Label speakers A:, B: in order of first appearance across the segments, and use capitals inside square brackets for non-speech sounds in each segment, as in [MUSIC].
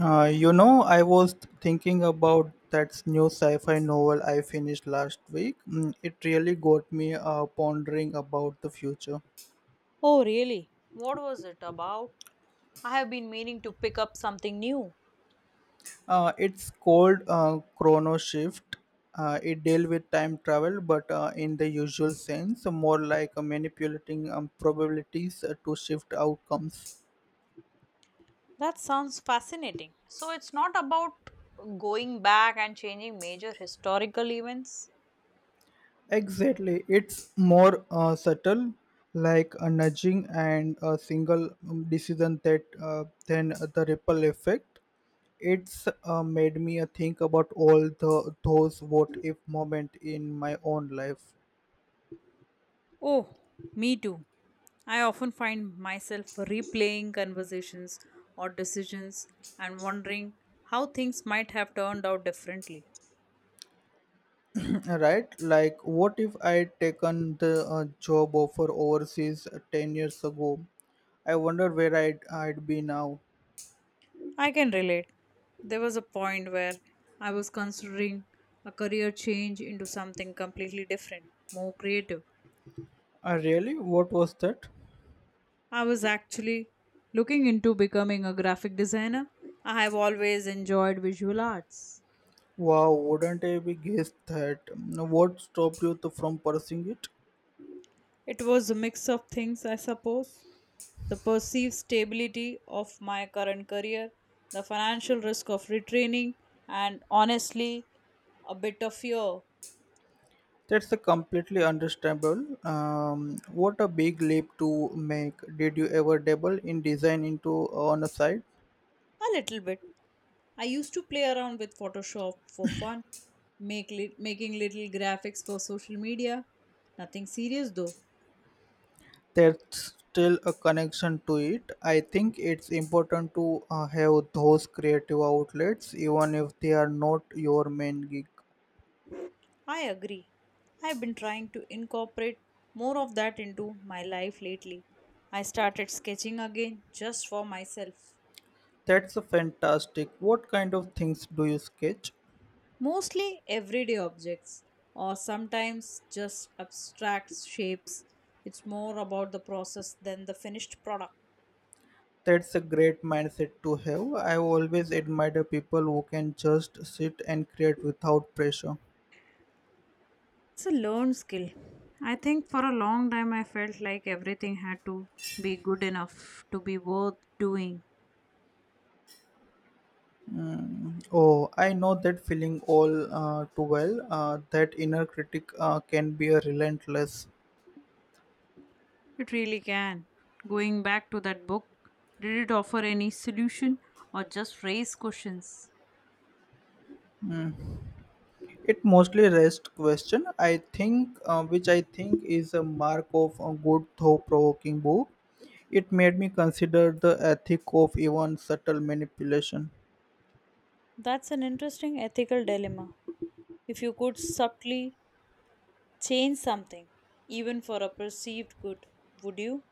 A: I was thinking about that new sci-fi novel I finished last week. Mm, it really got me pondering about the future.
B: Oh, really? What was it about? I have been meaning to pick up something new.
A: It's called Chrono Shift. It deals with time travel, but in the usual sense, more like manipulating probabilities to shift outcomes.
B: That sounds fascinating. So, it's not about going back and changing major historical events?
A: Exactly, it's more subtle, like a nudging and a single decision that then the ripple effect. It's made me think about all the those what if moment in my own life.
B: Oh, me too. I often find myself replaying conversations or decisions and wondering how things might have turned out differently.
A: [CLEARS THROAT] Right? Like, what if I taken the job offer overseas 10 years ago? I wonder where I'd be now.
B: I can relate. There was a point where I was considering a career change into something completely different, more creative.
A: Really? What was that?
B: I was actually looking into becoming a graphic designer. I have always enjoyed visual arts.
A: Wow, wouldn't I be guessed that? Mm, what stopped you to, from pursuing it?
B: It was a mix of things, I suppose. The perceived stability of my current career, the financial risk of retraining, and honestly, a bit of fear. A
A: That's a completely understandable. What a big leap to make. Did you ever dabble in design into on a side?
B: little bit. I used to play around with Photoshop for fun, making little graphics for social media. Nothing serious though.
A: There's still a connection to it. I think it's important to have those creative outlets, even if they are not your main gig.
B: I agree. I've been trying to incorporate more of that into my life lately. I started sketching again just for myself.
A: That's a fantastic. What kind of things do you sketch?
B: Mostly everyday objects, or sometimes just abstract shapes. It's more about the process than the finished product.
A: That's a great mindset to have. I've always admired people who can just sit and create without pressure.
B: It's a learned skill. I think for a long time I felt like everything had to be good enough to be worth doing.
A: Oh, I know that feeling all too well. That inner critic can be a relentless.
B: It really can. Going back to that book, did it offer any solution or just raise questions?
A: It mostly rest question. I think, which I think is a mark of a good, thought-provoking book. It made me consider the ethic of even subtle manipulation.
B: That's an interesting ethical dilemma. If you could subtly change something, even for a perceived good, would you?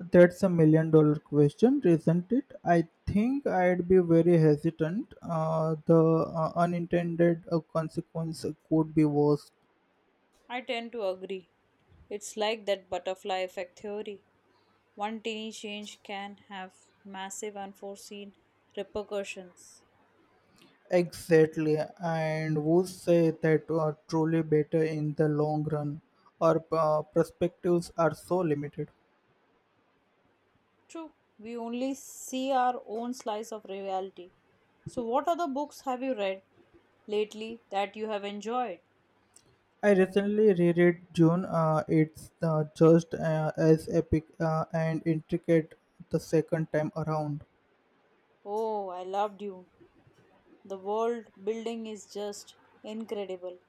A: That's $1 million question, isn't it? I think I'd be very hesitant. The unintended consequence could be worse.
B: I tend to agree. It's like that butterfly effect theory. One tiny change can have massive unforeseen repercussions.
A: Exactly, and would say that are truly better in the long run. Our perspectives are so limited.
B: True, we only see our own slice of reality. So, what other books have you read lately that you have enjoyed?
A: I recently reread June. It's just as epic and intricate the second time around.
B: Oh, I loved you. The world building is just incredible.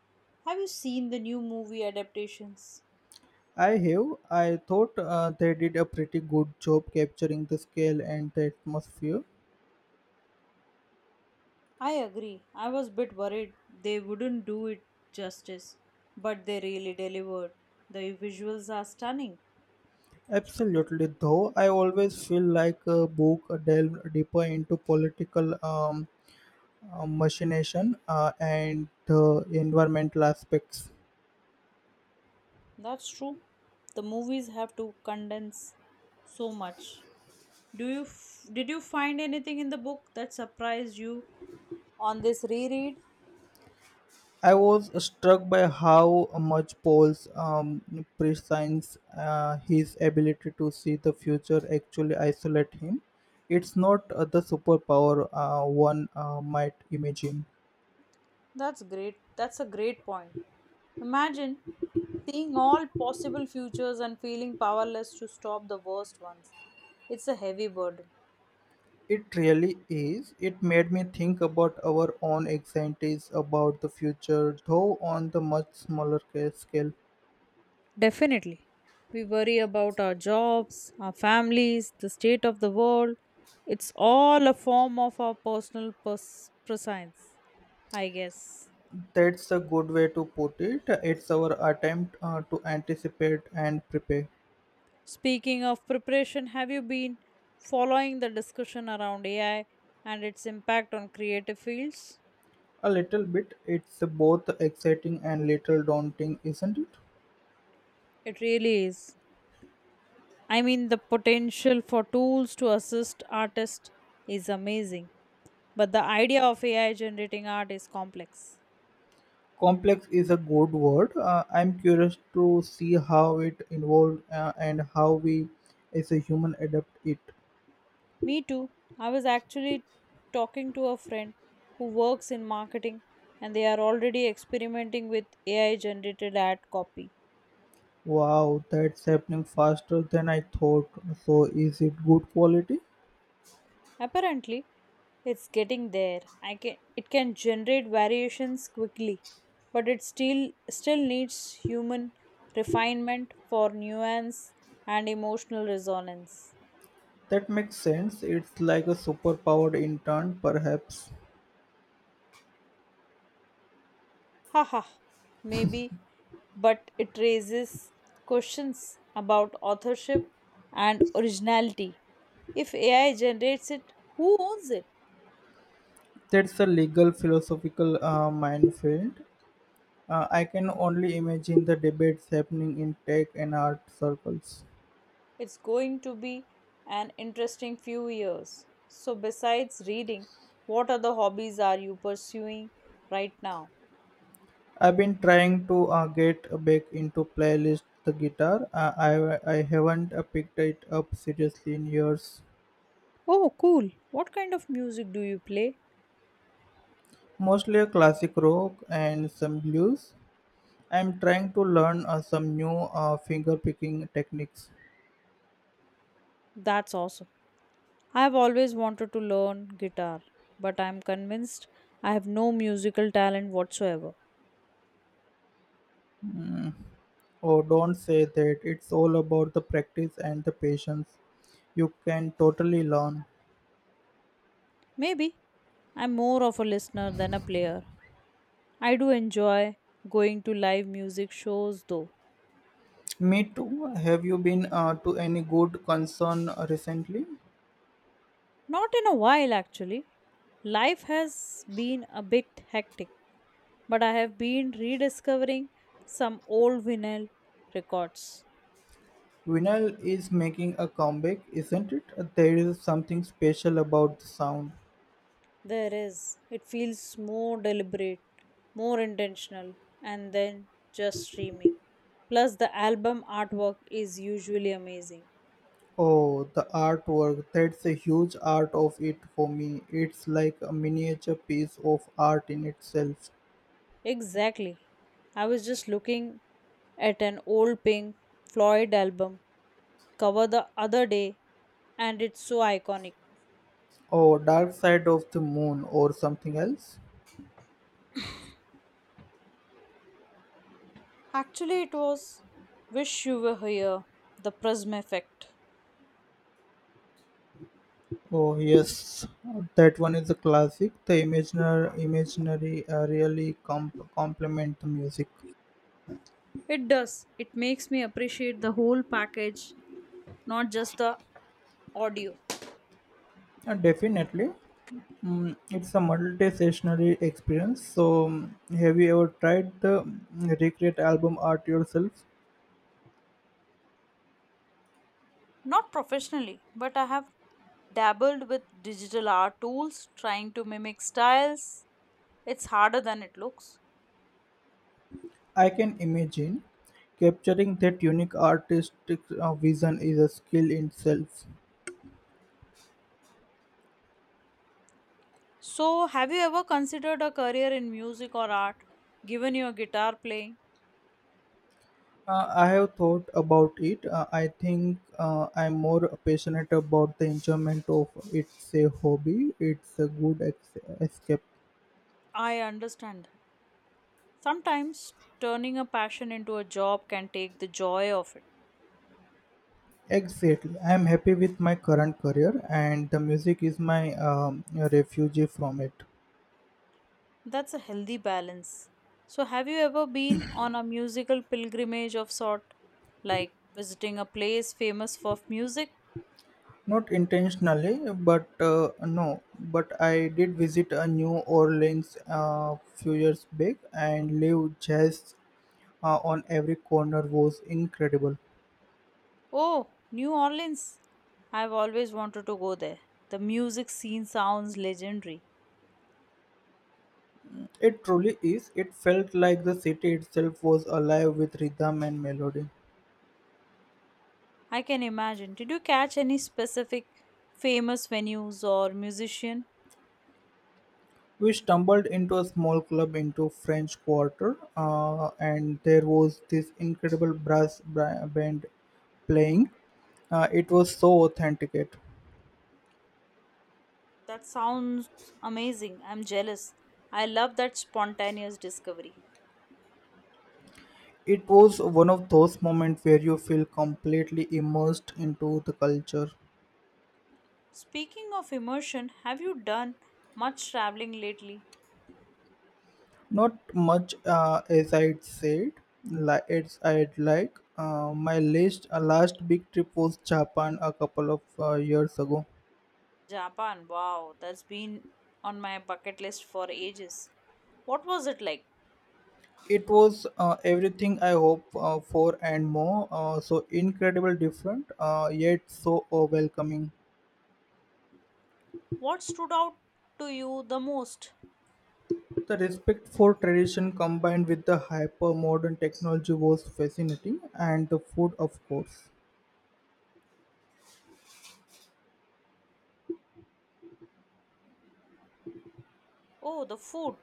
B: Have you seen the new movie adaptations?
A: I have. I thought they did a pretty good job capturing the scale and the atmosphere.
B: I agree. I was a bit worried they wouldn't do it justice, but they really delivered. The visuals are stunning.
A: Absolutely, though, I always feel like a book delved deeper into political machination and the environmental aspects.
B: That's true. The movies have to condense so much. Did you find anything in the book that surprised you on this reread?
A: I was struck by how much Paul's prescience, his ability to see the future, actually isolate him. It's not the superpower one might imagine.
B: That's great. That's a great point. Imagine seeing all possible futures and feeling powerless to stop the worst ones. It's a heavy burden.
A: It really is. It made me think about our own anxieties about the future, though on the much smaller scale.
B: Definitely. We worry about our jobs, our families, the state of the world. It's all a form of our personal prescience, I guess.
A: That's a good way to put it. It's our attempt to anticipate and prepare.
B: Speaking of preparation, have you been following the discussion around AI and its impact on creative fields?
A: A little bit. It's both exciting and little daunting, isn't it?
B: It really is. I mean, the potential for tools to assist artists is amazing, but the idea of AI generating art is complex.
A: Complex is a good word. I'm curious to see how it evolved and how we, as a human, adapt it.
B: Me too. I was actually talking to a friend who works in marketing and they are already experimenting with AI generated ad copy.
A: Wow, that's happening faster than I thought. So, is it good quality?
B: Apparently, it's getting there. I can it can generate variations quickly, but it still needs human refinement for nuance and emotional resonance.
A: That makes sense. It's like a superpowered intern, perhaps.
B: Haha, maybe, but it raises questions about authorship and originality. If AI generates it, who owns it?
A: That's a legal philosophical minefield. I can only imagine the debates happening in tech and art circles.
B: It's going to be an interesting few years. So, besides reading, what other hobbies are you pursuing right now?
A: I've been trying to get back into playlist the guitar. I haven't picked it up seriously in years.
B: Oh, cool. What kind of music do you play?
A: Mostly a classic rock and some blues. I'm trying to learn some new finger picking techniques.
B: That's awesome. I've always wanted to learn guitar, but I'm convinced I have no musical talent whatsoever.
A: Oh, don't say that. It's all about the practice and the patience. You can totally learn.
B: Maybe. I'm more of a listener than a player. I do enjoy going to live music shows though.
A: Me too. Have you been to any good concern recently?
B: Not in a while actually. Life has been a bit hectic, but I have been rediscovering some old vinyl records.
A: Vinyl is making a comeback, isn't it? There is something special about the sound.
B: There is. It feels more deliberate, more intentional, and then just streaming. Plus, the album artwork is usually amazing.
A: Oh, the artwork. That's a huge art of it for me. It's like a miniature piece of art in itself.
B: Exactly. I was just looking at an old Pink Floyd album cover the other day and it's so iconic.
A: Oh, Dark Side of the Moon or something else?
B: Actually, it was Wish You Were Here, the Prism Effect.
A: Oh, yes. That one is a classic. The imaginary really complement the music.
B: It does. It makes me appreciate the whole package, not just the audio.
A: Definitely. Mm, it's a multi-sessionary experience. So, have you ever tried the recreate album art yourself?
B: Not professionally, but I have dabbled with digital art tools, trying to mimic styles. It's harder than it looks.
A: I can imagine capturing that unique artistic vision is a skill in itself.
B: So, have you ever considered a career in music or art given your guitar playing?
A: I have thought about it. I think I'm more passionate about the enjoyment of it's a hobby. It's a good escape.
B: I understand that. Sometimes turning a passion into a job can take the joy of it.
A: Exactly. I am happy with my current career, and the music is my refuge from it.
B: That's a healthy balance. So, have you ever been on a musical pilgrimage of sort, like visiting a place famous for music?
A: Not intentionally, but no, but I did visit a New Orleans a few years back and live jazz on every corner was incredible.
B: Oh, New Orleans. I've always wanted to go there. The music scene sounds legendary.
A: It truly is. It felt like the city itself was alive with rhythm and melody.
B: I can imagine. Did you catch any specific famous venues or musician?
A: We stumbled into a small club into French Quarter, and there was this incredible brass band playing. It was so authenticate.
B: That sounds amazing. I'm jealous. I love that spontaneous discovery.
A: It was one of those moments where you feel completely immersed into the culture.
B: Speaking of immersion, have you done much traveling lately?
A: Not much, as I'd like. My last big trip was Japan a couple of years ago.
B: Japan, wow, that's been on my bucket list for ages. What was it like?
A: It was everything I hope for and more. So incredible, different, yet so welcoming.
B: What stood out to you the most?
A: The respect for tradition combined with the hyper modern technology was fascinating, and the food, of course.
B: Oh, the food.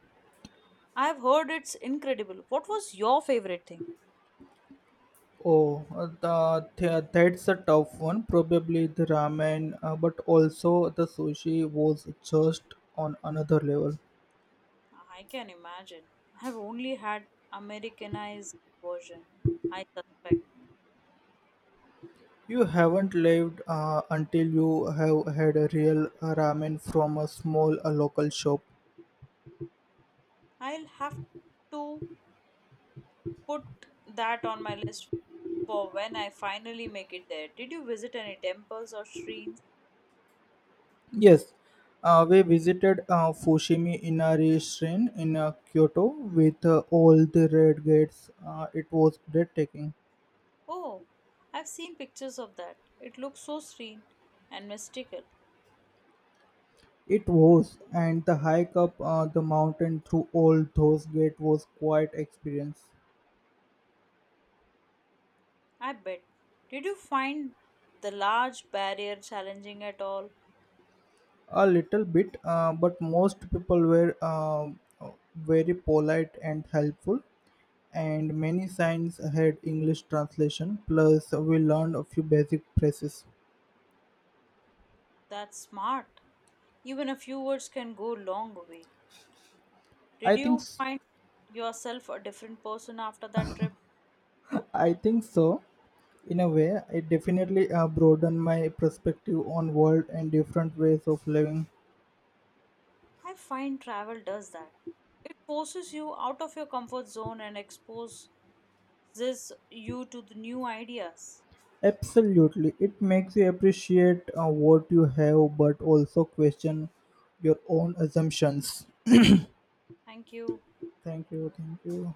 B: I've heard it's incredible. What was your favorite thing?
A: That's a tough one. Probably the ramen, but also the sushi was just on another level.
B: I can imagine. I have only had Americanized version, I suspect.
A: You haven't lived until you have had a real ramen from a small local shop.
B: I'll have to put that on my list for when I finally make it there. Did you visit any temples or shrines?
A: Yes, we visited Fushimi Inari Shrine in Kyoto with all the red gates. It was breathtaking.
B: Oh, I've seen pictures of that. It looks so serene and mystical.
A: It was, and the hike up the mountain through Old Those Gate was quite experience.
B: I bet. Did you find the large barrier challenging at all?
A: A little bit, but most people were very polite and helpful, and many signs had English translation. Plus, we learned a few basic phrases.
B: That's smart. Even a few words can go long way.
A: I
B: Did
A: think,
B: you
A: s-
B: find yourself a different person after that trip?
A: I think so. In a way, it definitely broadened my perspective on world and different ways of living.
B: I find travel does that. It forces you out of your comfort zone and exposes you to the new ideas.
A: Absolutely, it makes you appreciate what you have, but also question your own assumptions.
B: Thank you.
A: Thank you, thank you.